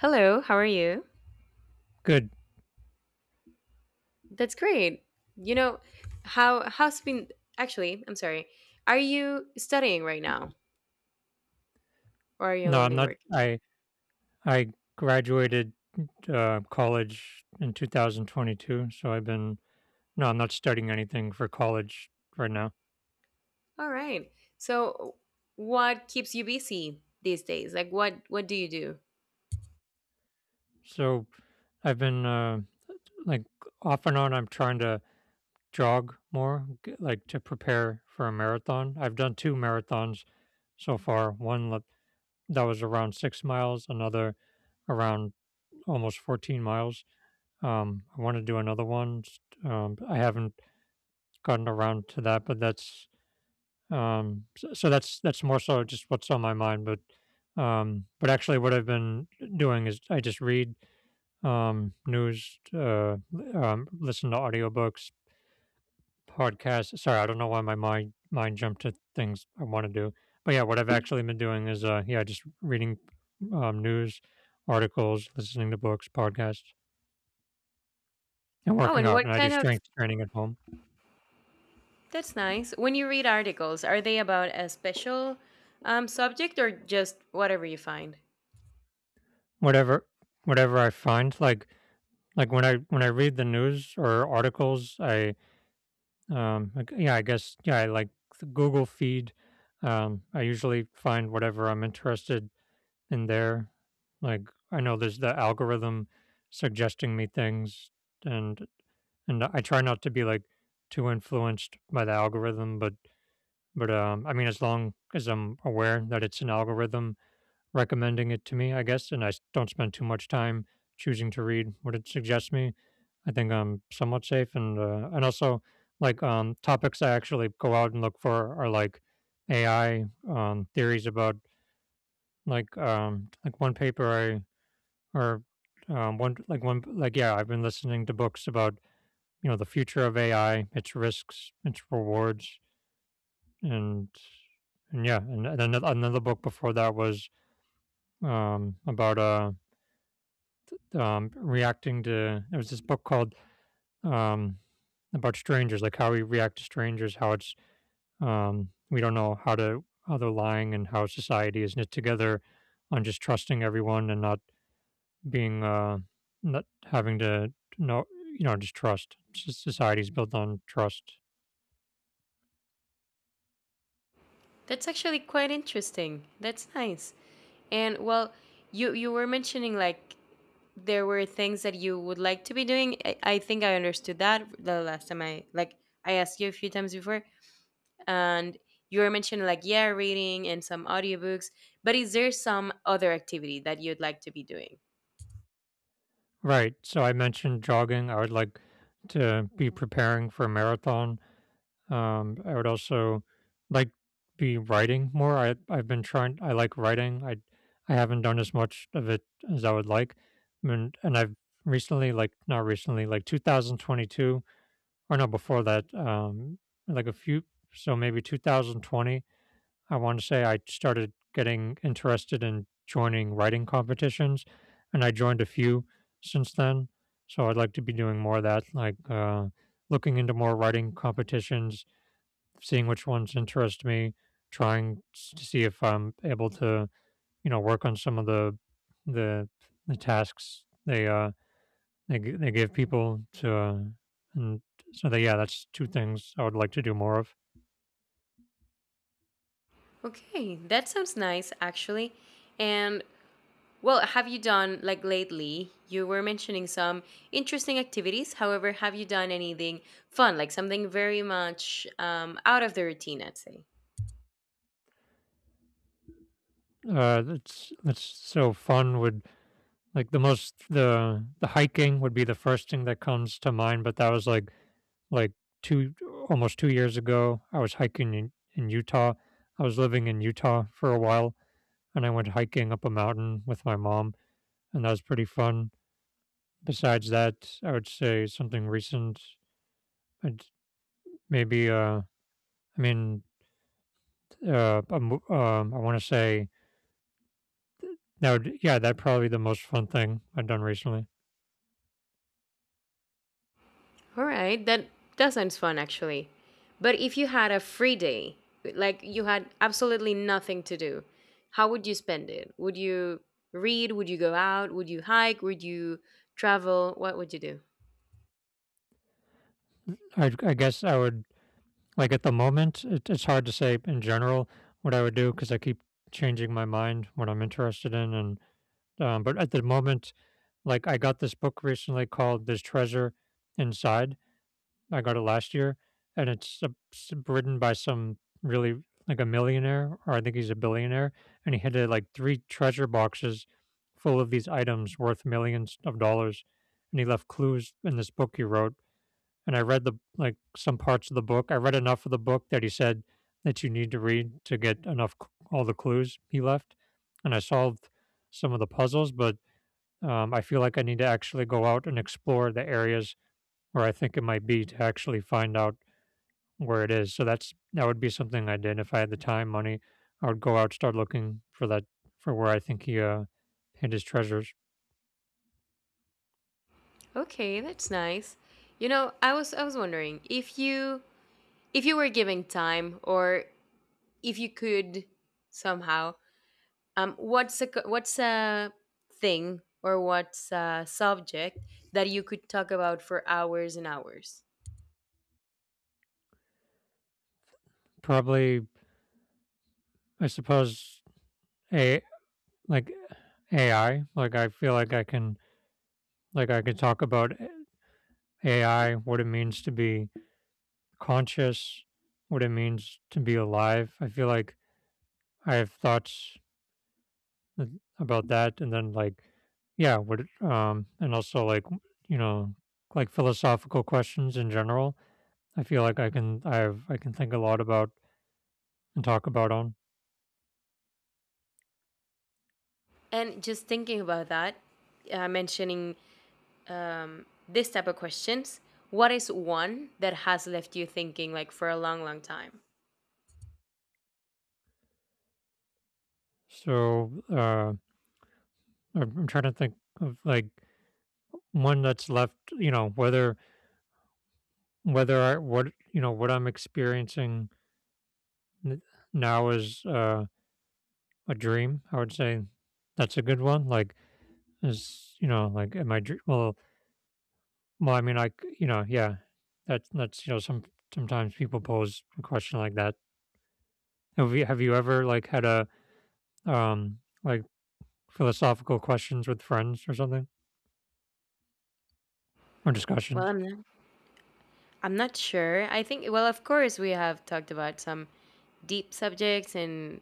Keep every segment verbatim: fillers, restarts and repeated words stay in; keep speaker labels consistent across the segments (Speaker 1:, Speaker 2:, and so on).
Speaker 1: Hello, how are you?
Speaker 2: Good.
Speaker 1: That's great. You know, how how's been actually, I'm sorry. Are you studying right now or are you
Speaker 2: No, I'm
Speaker 1: only
Speaker 2: not
Speaker 1: working?
Speaker 2: I I graduated uh, college in two thousand twenty-two, so I've been. No, I'm not studying anything for college right now.
Speaker 1: All right. So what keeps you busy these days? Like what what do you do?
Speaker 2: So, I've been, uh, like, off and on, I'm trying to jog more, g like, to prepare for a marathon. I've done two marathons so far, one l that was around six miles, another around almost fourteen miles. Um, I wanna do another one, st um, I haven't gotten around to that, but that's— Um, so, so that's that's more so just what's on my mind, but um, but actually, what I've been doing is I just read um, news, uh, li- um, listen to audiobooks, podcasts. Sorry, I don't know why my mind mind jumped to things I want to do, but yeah, what I've actually been doing is uh, yeah, just reading um, news articles, listening to books, podcasts, and
Speaker 1: Oh,
Speaker 2: working
Speaker 1: and
Speaker 2: out.
Speaker 1: what
Speaker 2: And I do
Speaker 1: kind of—
Speaker 2: strength training at home.
Speaker 1: that's nice. When you read articles, are they about a special um, subject or just whatever you find?
Speaker 2: Whatever whatever I find, like like when I when I read the news or articles, I— Um, I g- yeah, I guess, yeah, I like the Google feed. Um, I usually find whatever I'm interested in there. Like I know there's the algorithm suggesting me things, and and I try not to be like too influenced by the algorithm, but but um, I mean, as long as I'm aware that it's an algorithm recommending it to me, I guess, and I s- don't spend too much time choosing to read what it suggests me, I think I'm somewhat safe, and uh, and also like, um, topics I actually go out and look for are like A I, um, theories about, like, um, like one paper I or um, one like one like, yeah, I've been listening to books about, you know, the future of A I, its risks, its rewards, and and yeah, and, and another another book before that was um, about uh um, reacting to— there was this book called um, about strangers, like how we react to strangers, how it's, um, we don't know how to— how they're lying and how society is knit together on just trusting everyone, and not being uh not having to know, you know, just trust. S- society's built on trust.
Speaker 1: That's actually quite interesting. That's nice. And well, you you were mentioning like there were things that you would like to be doing. I, I think I understood that the last time I— like I asked you a few times before, and you were mentioning like, yeah, reading and some audiobooks. But is there some other activity that you'd like to be doing?
Speaker 2: Right, so I mentioned jogging. I would like to be preparing for a marathon. Um, I would also like be writing more. I I've been trying. I like writing. I I haven't done as much of it as I would like. I mean, and I've recently, like not recently, like two thousand twenty-two, or no, before that, um, like a few. So maybe two thousand twenty I want to say, I started getting interested in joining writing competitions, and I joined a few since then. So I'd like to be doing more of that, like, uh, looking into more writing competitions, seeing which ones interest me, trying to see if I'm able to, you know, work on some of the the the tasks they uh they g- they give people to, uh, and so that, yeah, that's two things I would like to do more of.
Speaker 1: Okay, that sounds nice actually. And well, have you done— like lately? You were mentioning some interesting activities. However, have you done anything fun, like something very much um, out of the routine, I'd say?
Speaker 2: Uh, that's that's so fun. Would, like, the most— the the hiking would be the first thing that comes to mind, but that was like like two— almost two years ago. I was hiking in in Utah. I was living in Utah for a while, and I went hiking up a mountain with my mom, and that was pretty fun. Besides that, I would say something recent. I'd maybe, uh, I mean, uh, a um, I want to say that would, yeah, that probably the most fun thing I've done recently.
Speaker 1: All right, that that sounds fun actually. But if you had a free day, like you had absolutely nothing to do, how would you spend it? Would you read? Would you go out? Would you hike? Would you travel? What would you do?
Speaker 2: I, I guess I would like at the moment. It, it's hard to say in general what I would do, because I keep changing my mind what I'm interested in, and um, but at the moment, like, I got this book recently called "This Treasure Inside." I got it last year, and it's uh, s- written by some really like a millionaire, or I think he's a billionaire, and he had uh, like three treasure boxes full of these items worth millions of dollars, and he left clues in this book he wrote. And I read the— like, some parts of the book. I read enough of the book that he said that you need to read to get enough c- all the clues he left, and I solved some of the puzzles, but um, I feel like I need to actually go out and explore the areas where I think it might be to actually find out where it is. So that's that would be something I did if I had the time, money. I would go out, start looking for that, for where I think he uh hid his treasures.
Speaker 1: Okay, that's nice. You know, I was I was wondering if you— if you were given time or if you could somehow— um what's a co- what's a thing, or what's a subject that you could talk about for hours and hours?
Speaker 2: Probably, I suppose, a like A I. Like, I feel like I can, like, I can talk about A I, what it means to be conscious, what it means to be alive. I feel like I have thoughts about that, and then like, yeah, what it- um, and also like, you know, like philosophical questions in general, I feel like I can— I have— I can think a lot about and talk about on.
Speaker 1: And just thinking about that, uh, mentioning um, this type of questions, what is one that has left you thinking like for a long, long time?
Speaker 2: So uh, I'm I'm trying to think of like one that's left. You know, whether— whether I— what, you know, what I'm experiencing n- now is, uh, a dream. I would say that's a good one. Like, is— you know, like, am I dr- well well I mean, like, you know, yeah, that's that's you know, some— sometimes people pose a question like that. Have you have you ever, like, had a um like philosophical questions with friends or something, or
Speaker 1: Well,
Speaker 2: discussions.
Speaker 1: I'm not, I'm not sure. I think, well, of course, we have talked about some deep subjects, and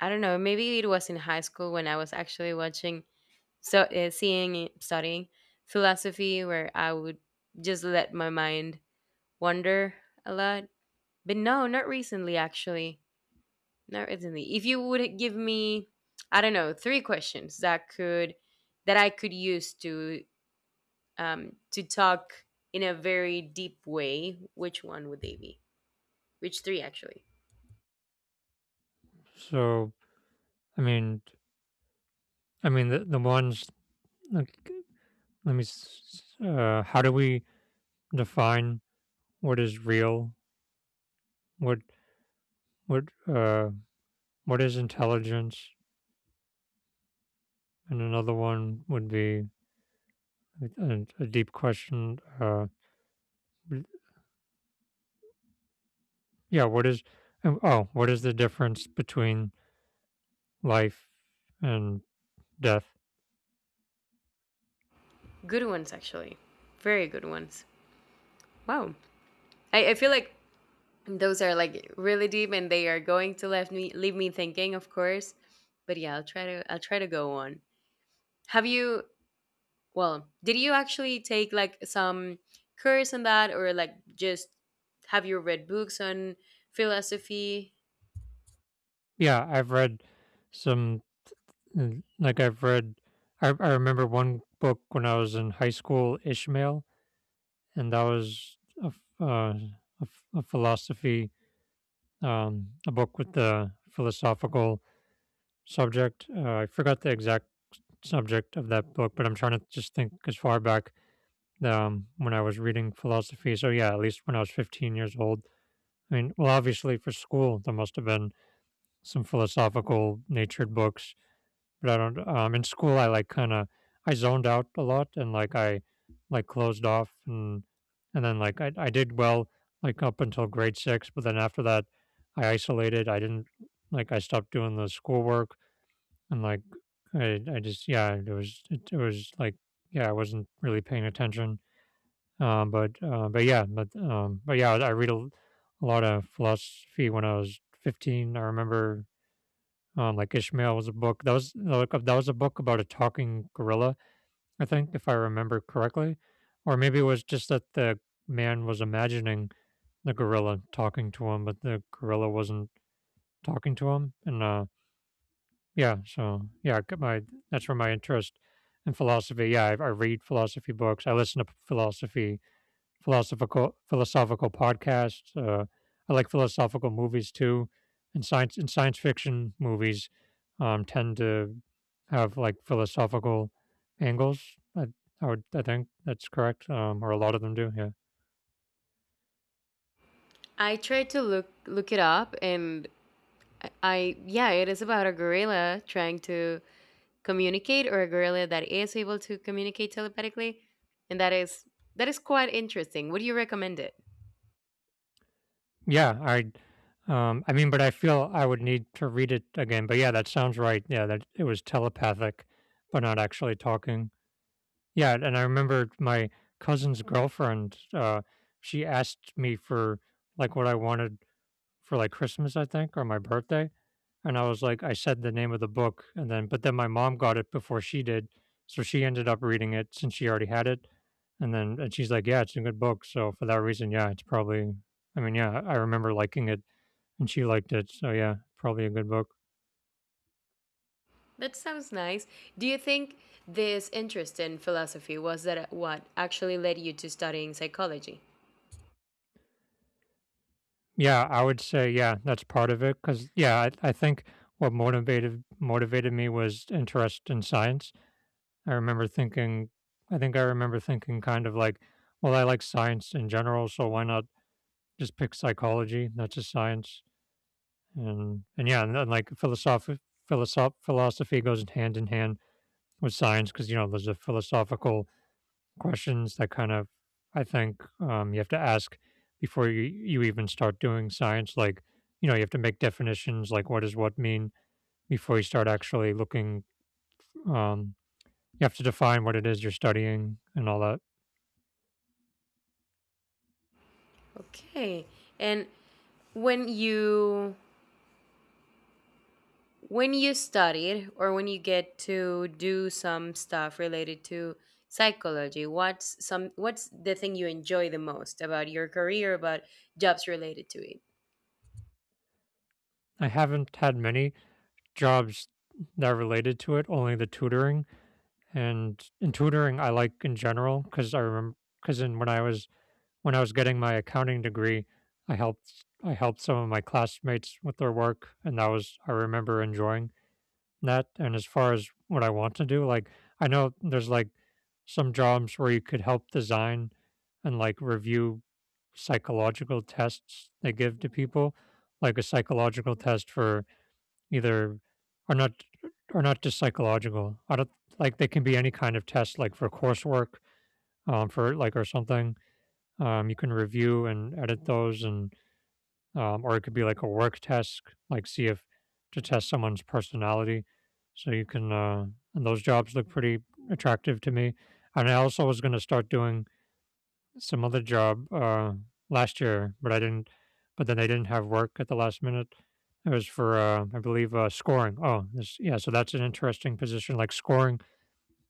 Speaker 1: I don't know, maybe it was in high school when I was actually watching, so uh, seeing, studying philosophy, where I would just let my mind wander a lot. But no, not recently, actually. No, recently— if you would give me, I don't know, three questions that could— that I could use to um to talk in a very deep way, which one would they be? Which three actually?
Speaker 2: So I mean, I mean the the ones like, let me s- uh, how do we define what is real? What what uh what is intelligence? And another one would be a, a deep question. Uh, w- yeah, what is, um, oh what is the difference between life and death?
Speaker 1: Good ones actually. Very good ones. Wow. I, I feel like those are like really deep and they are going to leave me— leave me thinking, of course. But yeah, I'll try to I'll try to go on. Have you— well, did you actually take like some course on that, or like, just have you read books on philosophy?
Speaker 2: Yeah, I've read some. And like, I've read— I, I remember one book when I was in high school, Ishmael, and that was a, f- uh, a, f- a philosophy, um, a book with the philosophical subject. Uh, I forgot the exact subject of that book, but I'm trying to just think as far back, um, when I was reading philosophy. So yeah, at least when I was fifteen years old. I mean, well, obviously for school, there must have been some philosophical natured books, but I don't. Um, in school, I like kind of— I zoned out a lot, and like I— like closed off, and and then like I I did well, like up until grade six, but then after that, I isolated. I didn't— like I stopped doing the schoolwork, and like I I just, yeah, it was— it, it was like, yeah, I wasn't really paying attention. Um, but uh, but yeah, but um, but yeah, I read a, a lot of philosophy when I was fifteen. I remember, um, like Ishmael was a book that was like— that was a book about a talking gorilla, I think, if I remember correctly, or maybe it was just that the man was imagining the gorilla talking to him, but the gorilla wasn't talking to him. And uh, yeah, so yeah, I got my— that's where my interest in philosophy. Yeah, I, I read philosophy books. I listen to philosophy philosophical philosophical podcasts. Uh, I like philosophical movies too, and science and science fiction movies um, tend to have like philosophical angles. I, I would— I think that's correct, um, or a lot of them do. Yeah,
Speaker 1: I tried to look look it up, and I I- yeah, it is about a gorilla trying to communicate, or a gorilla that is able to communicate telepathically, and that is that is quite interesting. Would you recommend it?
Speaker 2: yeah. I um, I mean, but I feel I would need to read it again. But yeah, that sounds right. Yeah, that it was telepathic, but not actually talking. Yeah, and I remember my cousin's girlfriend, uh, she asked me for, like, what I wanted for, like, Christmas, I think, or my birthday, and I was like— I said the name of the book, and then— but then my mom got it before she did, so she ended up reading it since she already had it, and then— and she's like, "Yeah, it's a good book," so for that reason, yeah, it's probably— I mean, yeah, I remember liking it, and she liked it, so yeah, probably a good book.
Speaker 1: That sounds nice. Do you think this interest in philosophy was that what actually led you to studying psychology?
Speaker 2: Yeah, I would say, yeah, that's part of it. Cause yeah, I, I think what motivated motivated me was interest in science. I remember thinking— I think I remember thinking kind of like, well, I like science in general, so why not just pick psychology? That's a science, and and yeah, and then like philosophy, philosoph philosophy goes hand in hand with science, because you know there's a philosophical questions that kind of, I think, um, you have to ask before you, you even start doing science. Like, you know, you have to make definitions like what does what mean before you start actually looking. Um, you have to define what it is you're studying and all that.
Speaker 1: Okay. And when you— when you studied, or when you get to do some stuff related to psychology, what's some— what's the thing you enjoy the most about your career, about jobs related to it?
Speaker 2: I haven't had many jobs that are related to it, only the tutoring. And in tutoring, I like in general because I remember because in when I was when I was getting my accounting degree, I helped I helped some of my classmates with their work, and that was I remember enjoying that. And as far as what I want to do, like I know there's like some jobs where you could help design and like review psychological tests they give to people, like a psychological test for either are not are not just psychological. I don't like they can be any kind of test, like for coursework, um, for like or something. Um, you can review and edit those, and um, or it could be like a work test, like see if to test someone's personality. So you can, uh, and those jobs look pretty attractive to me. And I also was going to start doing some other job uh, last year, but I didn't. But then I didn't have work at the last minute. It was for, uh, I believe, uh, scoring. Oh, this, yeah. So that's an interesting position, like scoring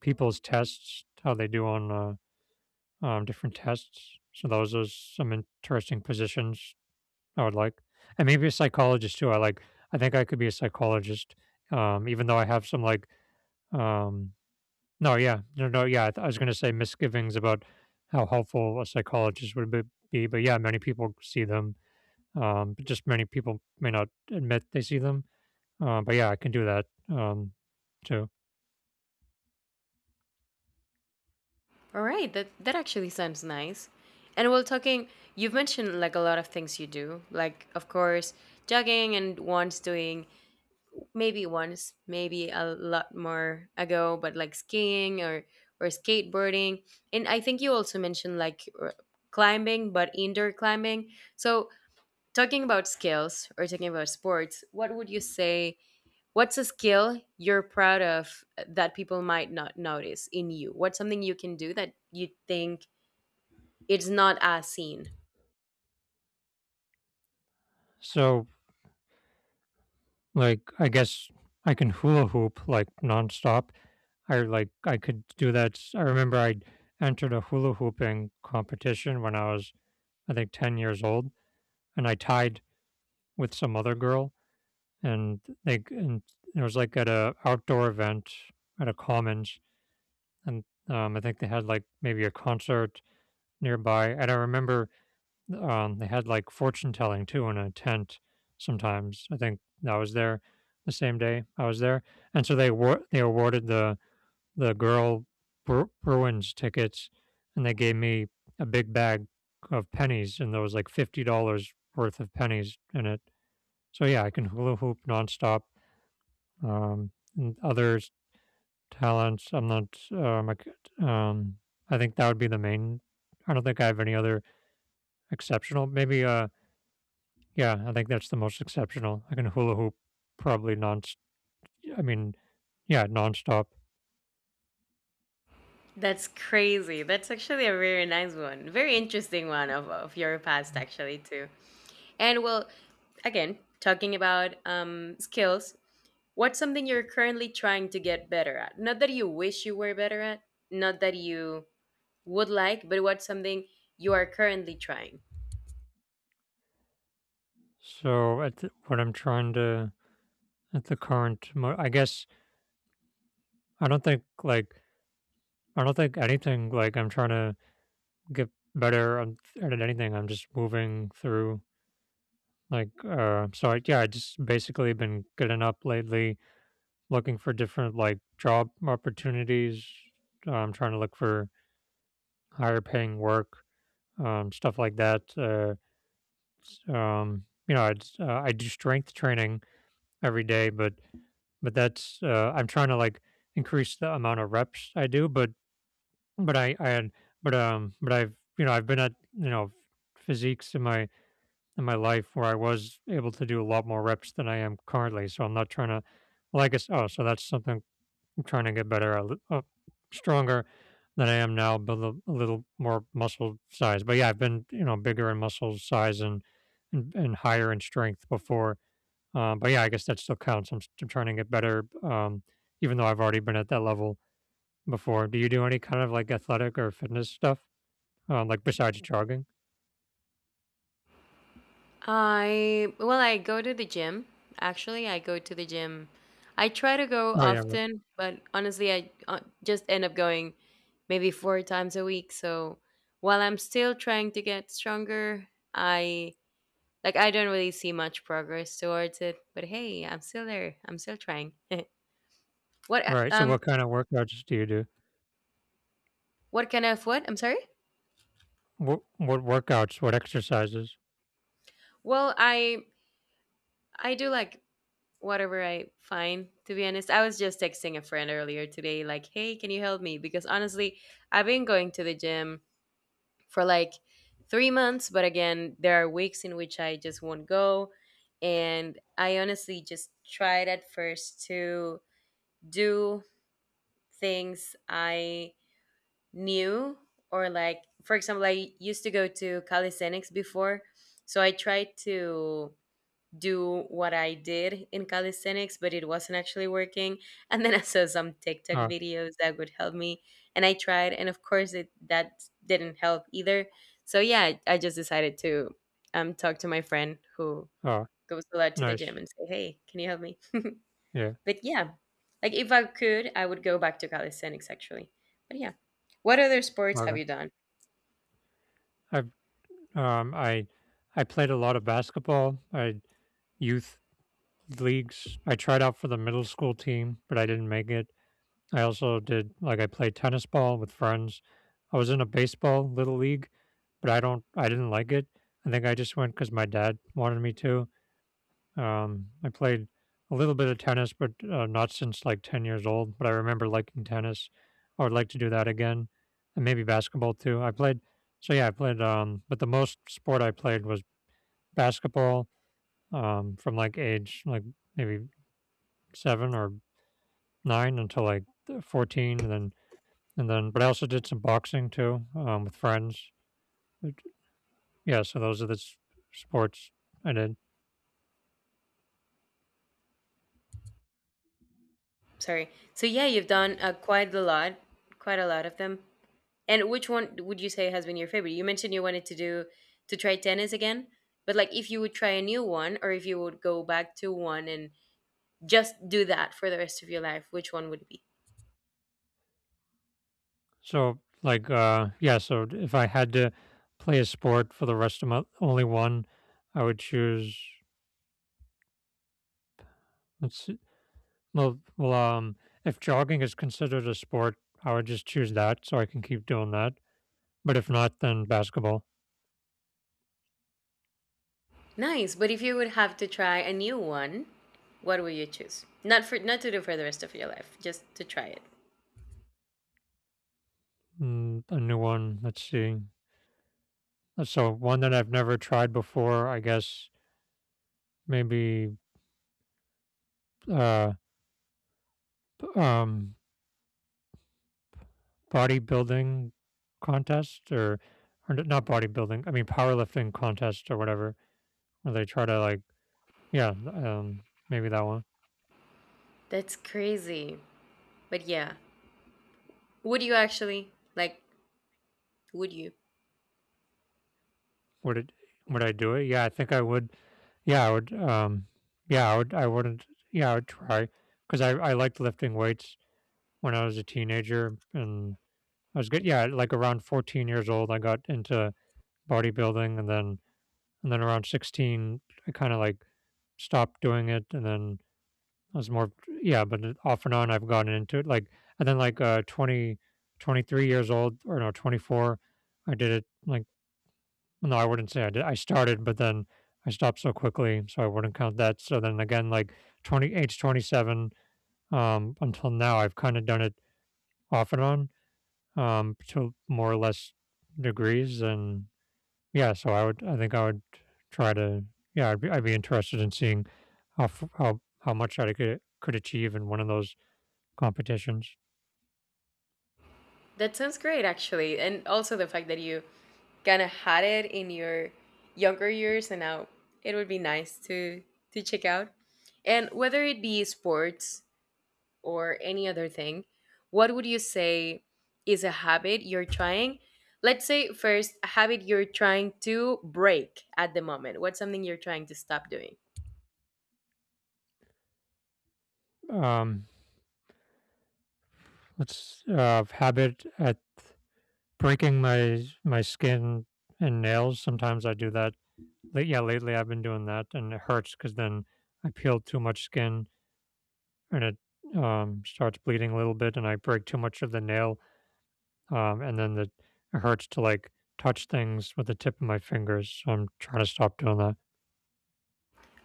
Speaker 2: people's tests, how they do on uh, um, different tests. So those are some interesting positions I would like, and maybe a psychologist too. I like. I think I could be a psychologist, um, even though I have some like um, no, yeah. No, no, yeah. I th- I was going to say misgivings about how helpful a psychologist would be, be, but yeah, many people see them. Um, but just many people may not admit they see them. Uh, but yeah, I can do that um, too.
Speaker 1: All right, that that actually sounds nice. And while talking, you've mentioned like a lot of things you do, like, of course, jogging, and once doing— maybe once, maybe a lot more ago, but like skiing or or skateboarding. And I think you also mentioned like r- climbing, but indoor climbing. So talking about skills or talking about sports, what would you say? What's a skill you're proud of that people might not notice in you? What's something you can do that you think it's not as seen?
Speaker 2: So, like, I guess I can hula hoop like nonstop. I like I could do that. S- I remember I entered a hula hooping competition when I was I think ten years old, and I tied with some other girl and they and there was like at a outdoor event at a commons, and um I think they had like maybe a concert nearby, and I remember um they had like fortune telling too in a tent sometimes, I think I was there the same day I was there, and so they were they awarded the the girl Bru- bruins tickets, and they gave me a big bag of pennies, and there was like fifty dollars worth of pennies in it. So yeah, I can hula hoop nonstop, um, and other talents, I'm not. Um, I, could- um, I think that would be the main. I don't think I have any other exceptional. Maybe. Uh, yeah, I think that's the most exceptional. I can hula hoop probably non. I mean, yeah, nonstop.
Speaker 1: That's crazy. That's actually a very nice one. Very interesting one of, of your past, actually, too. And well, again, talking about um, skills, what's something you're currently trying to get better at? Not that you wish you were better at, not that you would like, but what's something you are currently trying?
Speaker 2: So at the, what I'm trying to at the current, mo- I guess I don't think like I don't think anything like I'm trying to get better on- at anything. I'm just moving through. Like, uh, so I, yeah, I just basically been getting up lately, looking for different like job opportunities. I'm trying to look for higher paying work, um, stuff like that. Uh, s- um, you know, I uh, I do strength training every day, but but that's uh, I'm trying to like increase the amount of reps I do, but but I I had but um but I've you know I've been at you know physiques in my in my life where I was able to do a lot more reps than I am currently. So I'm not trying to, well, I guess, oh, so that's something I'm trying to get better at, li- uh, stronger than I am now, but a a little more muscle size. But yeah, I've been, you know, bigger in muscle size and, and, and, higher in strength before. Uh, but yeah, I guess that still counts. I'm, st- trying to get better, um, even though I've already been at that level before. Do you do any kind of like athletic or fitness stuff, um, like besides jogging?
Speaker 1: I, well, I go to the gym. Actually, I go to the gym. I try to go
Speaker 2: Oh yeah, right.
Speaker 1: often, but honestly, I uh, just end up going maybe four times a week. So while I'm still trying to get stronger, I— like I don't really see much progress towards it, but hey, I'm still there. I'm still trying. What uh,
Speaker 2: Right. So
Speaker 1: um
Speaker 2: what kind of workouts do you do?
Speaker 1: what kind of what? I'm sorry?
Speaker 2: What what workouts, what exercises?
Speaker 1: Well, I— I do like whatever I find, to be honest. I was just texting a friend earlier today like, "Hey, can you help me?" because honestly, I've been going to the gym for like three months, but again, there are weeks in which I just won't go. And I honestly just tried at first to do things I new, or like, for example, I used to go to calisthenics before, so I tried to do what I did in calisthenics, but it wasn't actually working. And then I saw some TikTok
Speaker 2: Oh,
Speaker 1: videos that would help me, and I tried, and of course it— that didn't help either. So yeah, I just decided to um talk to my friend who
Speaker 2: oh,
Speaker 1: goes a lot to the
Speaker 2: nice.
Speaker 1: gym and say, "Hey, can you help me?"
Speaker 2: Yeah,
Speaker 1: But yeah, like, if I could, I would go back to calisthenics actually. But yeah, what other sports have
Speaker 2: okay.
Speaker 1: you done?
Speaker 2: I've um I I played a lot of basketball. I youth leagues. I tried out for the middle school team, but I didn't make it. I also did like I played tennis ball with friends. I was in a baseball little league, but I don't I didn't like it. I think I just went cuz my dad wanted me to. Um, I played a little bit of tennis, but uh, not since like ten years old. But I remember liking tennis. I would like to do that again, and maybe basketball too. I played, so yeah, I played. Um, but the most sport I played was basketball. Um, from like age like maybe seven or nine until like th- fourteen, and then and then. But I also did some boxing too, um, with friends. But, yeah, so those are the s- sports I did.
Speaker 1: Sorry. So yeah, you've done uh, quite a lot, quite a lot of them. And which one would you say has been your favorite? You mentioned you wanted to do— to try tennis again, but like, if you would try a new one, or if you would go back to one and just do that for the rest of your life, which one would it be?
Speaker 2: So, like, uh, yeah. So, d- if I had to play a sport for the rest of my only one, I would choose. Let's see. Well, well, um, if jogging is considered a sport, I would just choose that so I can keep doing that. But if not, then basketball.
Speaker 1: Nice, but if you would have to try a new one, what would you choose? Not for— not to do for the rest of your life, just to try it.
Speaker 2: Mm, a new one. Let's see. Uh, So one that I've never tried before, I guess maybe uh, b- um, bodybuilding contest, or or n- not bodybuilding. I mean powerlifting contest or whatever where they try to like. Yeah, um, maybe that one.
Speaker 1: That's crazy. But yeah, would you actually? Like, would you?
Speaker 2: Would it? Would I do it? Yeah, I think I would. Yeah, I would. Um, yeah, I would. I wouldn't. Yeah, I would try because I I liked lifting weights when I was a teenager and I was good. Yeah, like around fourteen years old, I got into bodybuilding, and then and then around sixteen, I kind of like stopped doing it, and then I was more yeah, but it- off and on, I've gotten into it. Like and then like uh twenty, twenty three years old or no twenty four, I did it like. No, I wouldn't say I did. I started, but then I stopped so quickly, so I wouldn't count that. So then again, like twenty, age twenty-seven, um, until now, I've kind of done it off and on, um, to more or less degrees. And yeah, so I would, I think I would try to, yeah, I'd be, I'd be interested in seeing how, f- how, how much I could, could achieve in one of those competitions.
Speaker 1: That sounds great, actually. And also the fact that you kind of had it in your younger years, and now it would be nice to— to check out. And whether it be sports or any other thing, what would you say is a habit you're trying? Let's say first, a habit you're trying to break at the moment. What's something you're trying to stop doing?
Speaker 2: Um, It's uh, habit at breaking my my skin and nails. Sometimes I do that. Late, yeah, lately I've been doing that, and it hurts because then I peel too much skin, and it um, starts bleeding a little bit, and I break too much of the nail, um, and then the, it hurts to like touch things with the tip of my fingers. So I'm trying to stop doing that.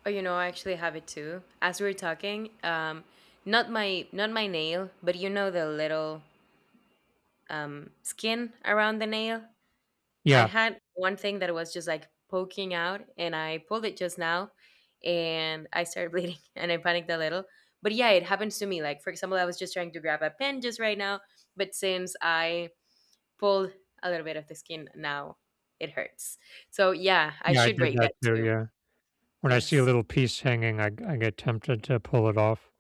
Speaker 1: Oh, you know, I actually have it too. As we were talking, um, not my— not my nail, but you know the little um skin around the nail. I
Speaker 2: Yeah,
Speaker 1: had one thing that was just like poking out, and I pulled it just now, and I started bleeding, and I panicked a little. But yeah, it happens to me. Like, for example, I was just trying to grab a pen just right now, but since I pulled a little bit of the skin now, it hurts. So yeah, I
Speaker 2: yeah, I
Speaker 1: should
Speaker 2: did
Speaker 1: break that
Speaker 2: that too.
Speaker 1: too.
Speaker 2: Yeah, when I see a
Speaker 1: Yes.
Speaker 2: little piece hanging, I I get tempted to pull it off.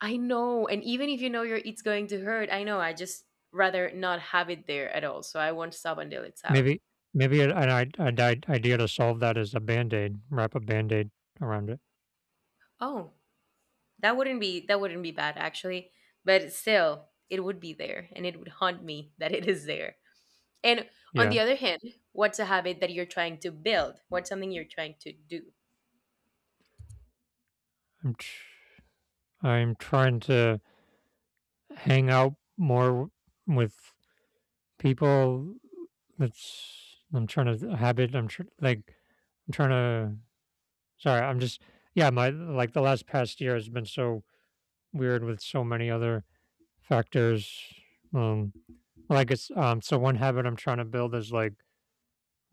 Speaker 1: I know. And even if you know your— it's going to hurt, I know. I just rather not have it there at all. So I won't stop until it's out.
Speaker 2: Maybe maybe an an i an I idea to solve that is a Band-Aid. Wrap a Band-Aid around it.
Speaker 1: Oh, that wouldn't be— that wouldn't be bad actually. But still, it would be there and it would haunt me that it is there. And on
Speaker 2: Yeah,
Speaker 1: the other hand, what's a habit that you're trying to build? What's something you're trying to do?
Speaker 2: I'm tr I'm trying to hang out more w- with people. That's I'm trying to habit I'm tr like, I'm trying to sorry, I'm just yeah, my like, the last past year has been so weird with so many other factors, um, like, it's um, so one habit I'm trying to build is, like,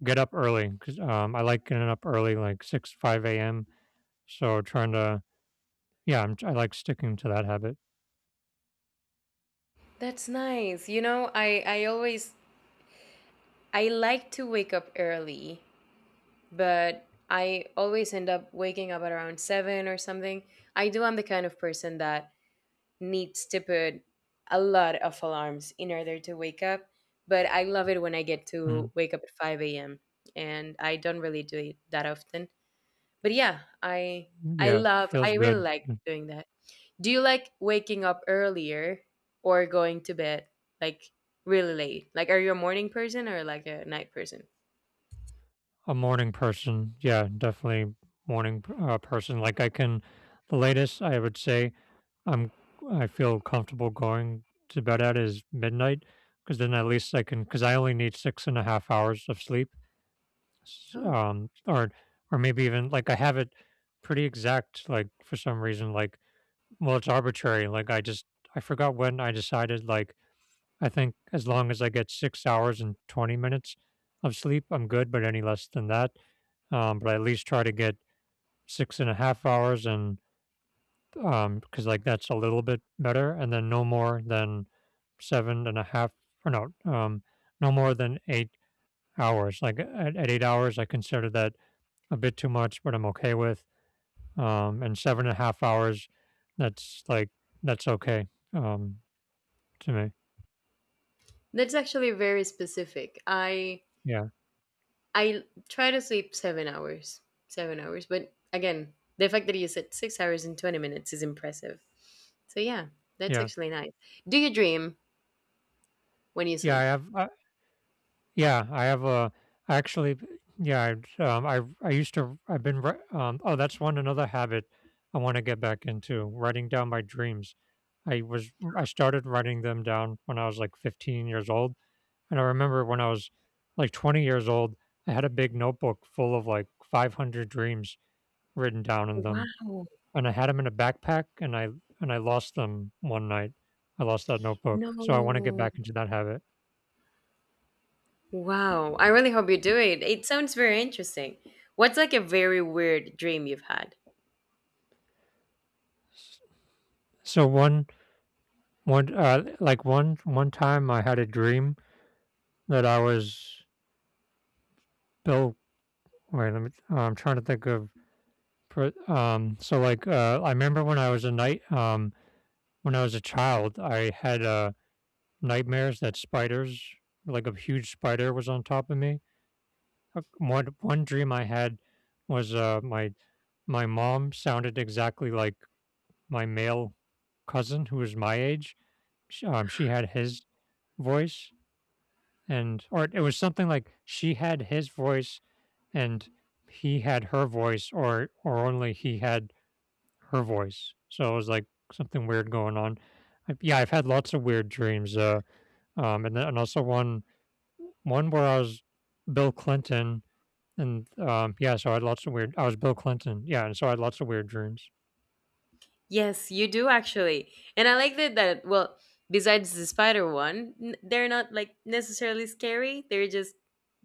Speaker 2: get up early, cause um, I like getting up early, like six, five a m. So trying to yeah, I'm I like sticking to that habit.
Speaker 1: That's nice. You know, I I always— I like to wake up early, but I always end up waking up at around seven or something. I do— I'm the kind of person that needs to put a lot of alarms in order to wake up. But I love it when I get
Speaker 2: Mhm.
Speaker 1: to wake up at five a m and I don't really do it that often. But yeah, I I
Speaker 2: Yeah,
Speaker 1: love—
Speaker 2: feels
Speaker 1: I really
Speaker 2: good.
Speaker 1: like doing that. Do you like waking up earlier or going to bed like really late? Like, are you a morning person or like a night person?
Speaker 2: A morning person. Yeah, definitely morning p uh, person. Like, I can the latest I would say I'm I feel comfortable going to bed at is midnight, cause then at least I can cause I only need six and a half hours of sleep. S
Speaker 1: Oh.
Speaker 2: um, or or maybe even like, I have it pretty exact, like, for some reason, like, well, it's arbitrary. Like I just I forgot when I decided like I think as long as I get six hours and twenty minutes of sleep, I'm good, but any less than that, um, but I at least try to get six and a half hours, and, um, because like, that's a little bit better, and then no more than seven and a half or no, um, no more than eight hours. Like, at at eight hours, I consider that a bit too much, but I'm okay with, um, and seven and a half hours, that's, like, that's okay, um to me.
Speaker 1: That's actually very specific. I—
Speaker 2: Yeah,
Speaker 1: I try to sleep seven hours, seven hours. But again, the fact that you said six hours and twenty minutes is impressive. So, yeah, that's
Speaker 2: yeah.
Speaker 1: actually nice. Do you dream when you
Speaker 2: Yeah, I
Speaker 1: sleep?
Speaker 2: have uh, yeah, I have a actually b yeah, I um, I I used to I've been wri um, oh, that's one another habit I wanna get back into, writing down my dreams. I was I started writing them down when I was, like, fifteen years old, and I remember when I was, like, twenty years old, I had a big notebook full of, like, five hundred dreams written down in them,
Speaker 1: Wow.
Speaker 2: and I had them in a backpack, and I and I lost them one night. I lost that notebook, so I wanna get
Speaker 1: No.
Speaker 2: back into that habit.
Speaker 1: Wow. I really hope you do it. It sounds very interesting. What's like a very weird dream you've had?
Speaker 2: So one one uh, like one one time I had a dream that I was Bill. Wait, let me. I'm trying to think of. Um, so like, uh, I remember when I was a night. Um, when I was a child, I had uh nightmares that spiders, like a huge spider, was on top of me. Uh, One one dream I had was uh my my mom sounded exactly like my male cousin who was my age. She, um, she had his voice and, or it was something like she had his voice and he had her voice, or or only he had her voice, so it was like something weird going on. I, yeah, I've had lots of weird dreams, uh um and then and also one one where I was Bill Clinton, and um yeah, so I had lots of weird, I was Bill Clinton, yeah, and so I had lots of weird dreams.
Speaker 1: Yes, you do actually. And I like that— that, well, besides the spider one, n- they're not like necessarily scary. They're just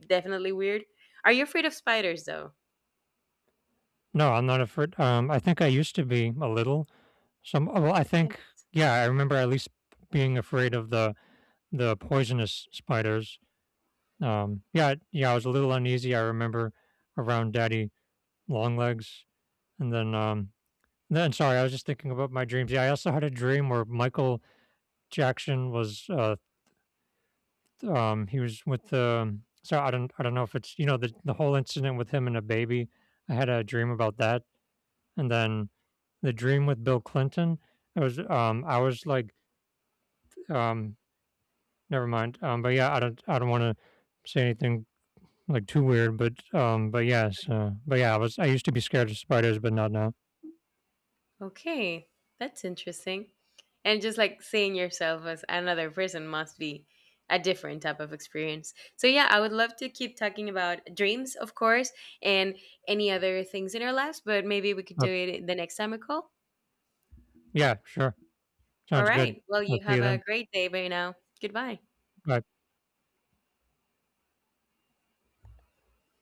Speaker 1: definitely weird. Are you afraid of spiders though?
Speaker 2: No, I'm not afraid, um I think I used to be a little. Some, oh, well, I think,
Speaker 1: Yes.
Speaker 2: yeah, I remember at least being afraid of the the poisonous spiders. Um, yeah, yeah, I was a little uneasy. I remember around Daddy Longlegs, and then um, then sorry, I was just thinking about my dreams. Yeah, I also had a dream where Michael Jackson was uh, th- um, he was with the, so I don't I don't know if it's, you know the the whole incident with him and a baby. I had a dream about that, and then the dream with Bill Clinton. It was um, I was like um never mind. Um, but yeah, I don't I don't want to say anything like too weird, but um, but yes, uh, but yeah, I was I used to be scared of spiders, but not now.
Speaker 1: Okay, that's interesting. And just like seeing yourself as another person must be a different type of experience. So yeah, I would love to keep talking about dreams, of course, and any other things in our lives, but maybe we could
Speaker 2: Uh,
Speaker 1: do it the next time we call.
Speaker 2: yeah, sure,
Speaker 1: All
Speaker 2: sounds good.
Speaker 1: right. Well,
Speaker 2: I'll
Speaker 1: you
Speaker 2: see
Speaker 1: have
Speaker 2: you
Speaker 1: a
Speaker 2: then.
Speaker 1: great day by now. Goodbye.
Speaker 2: Bye.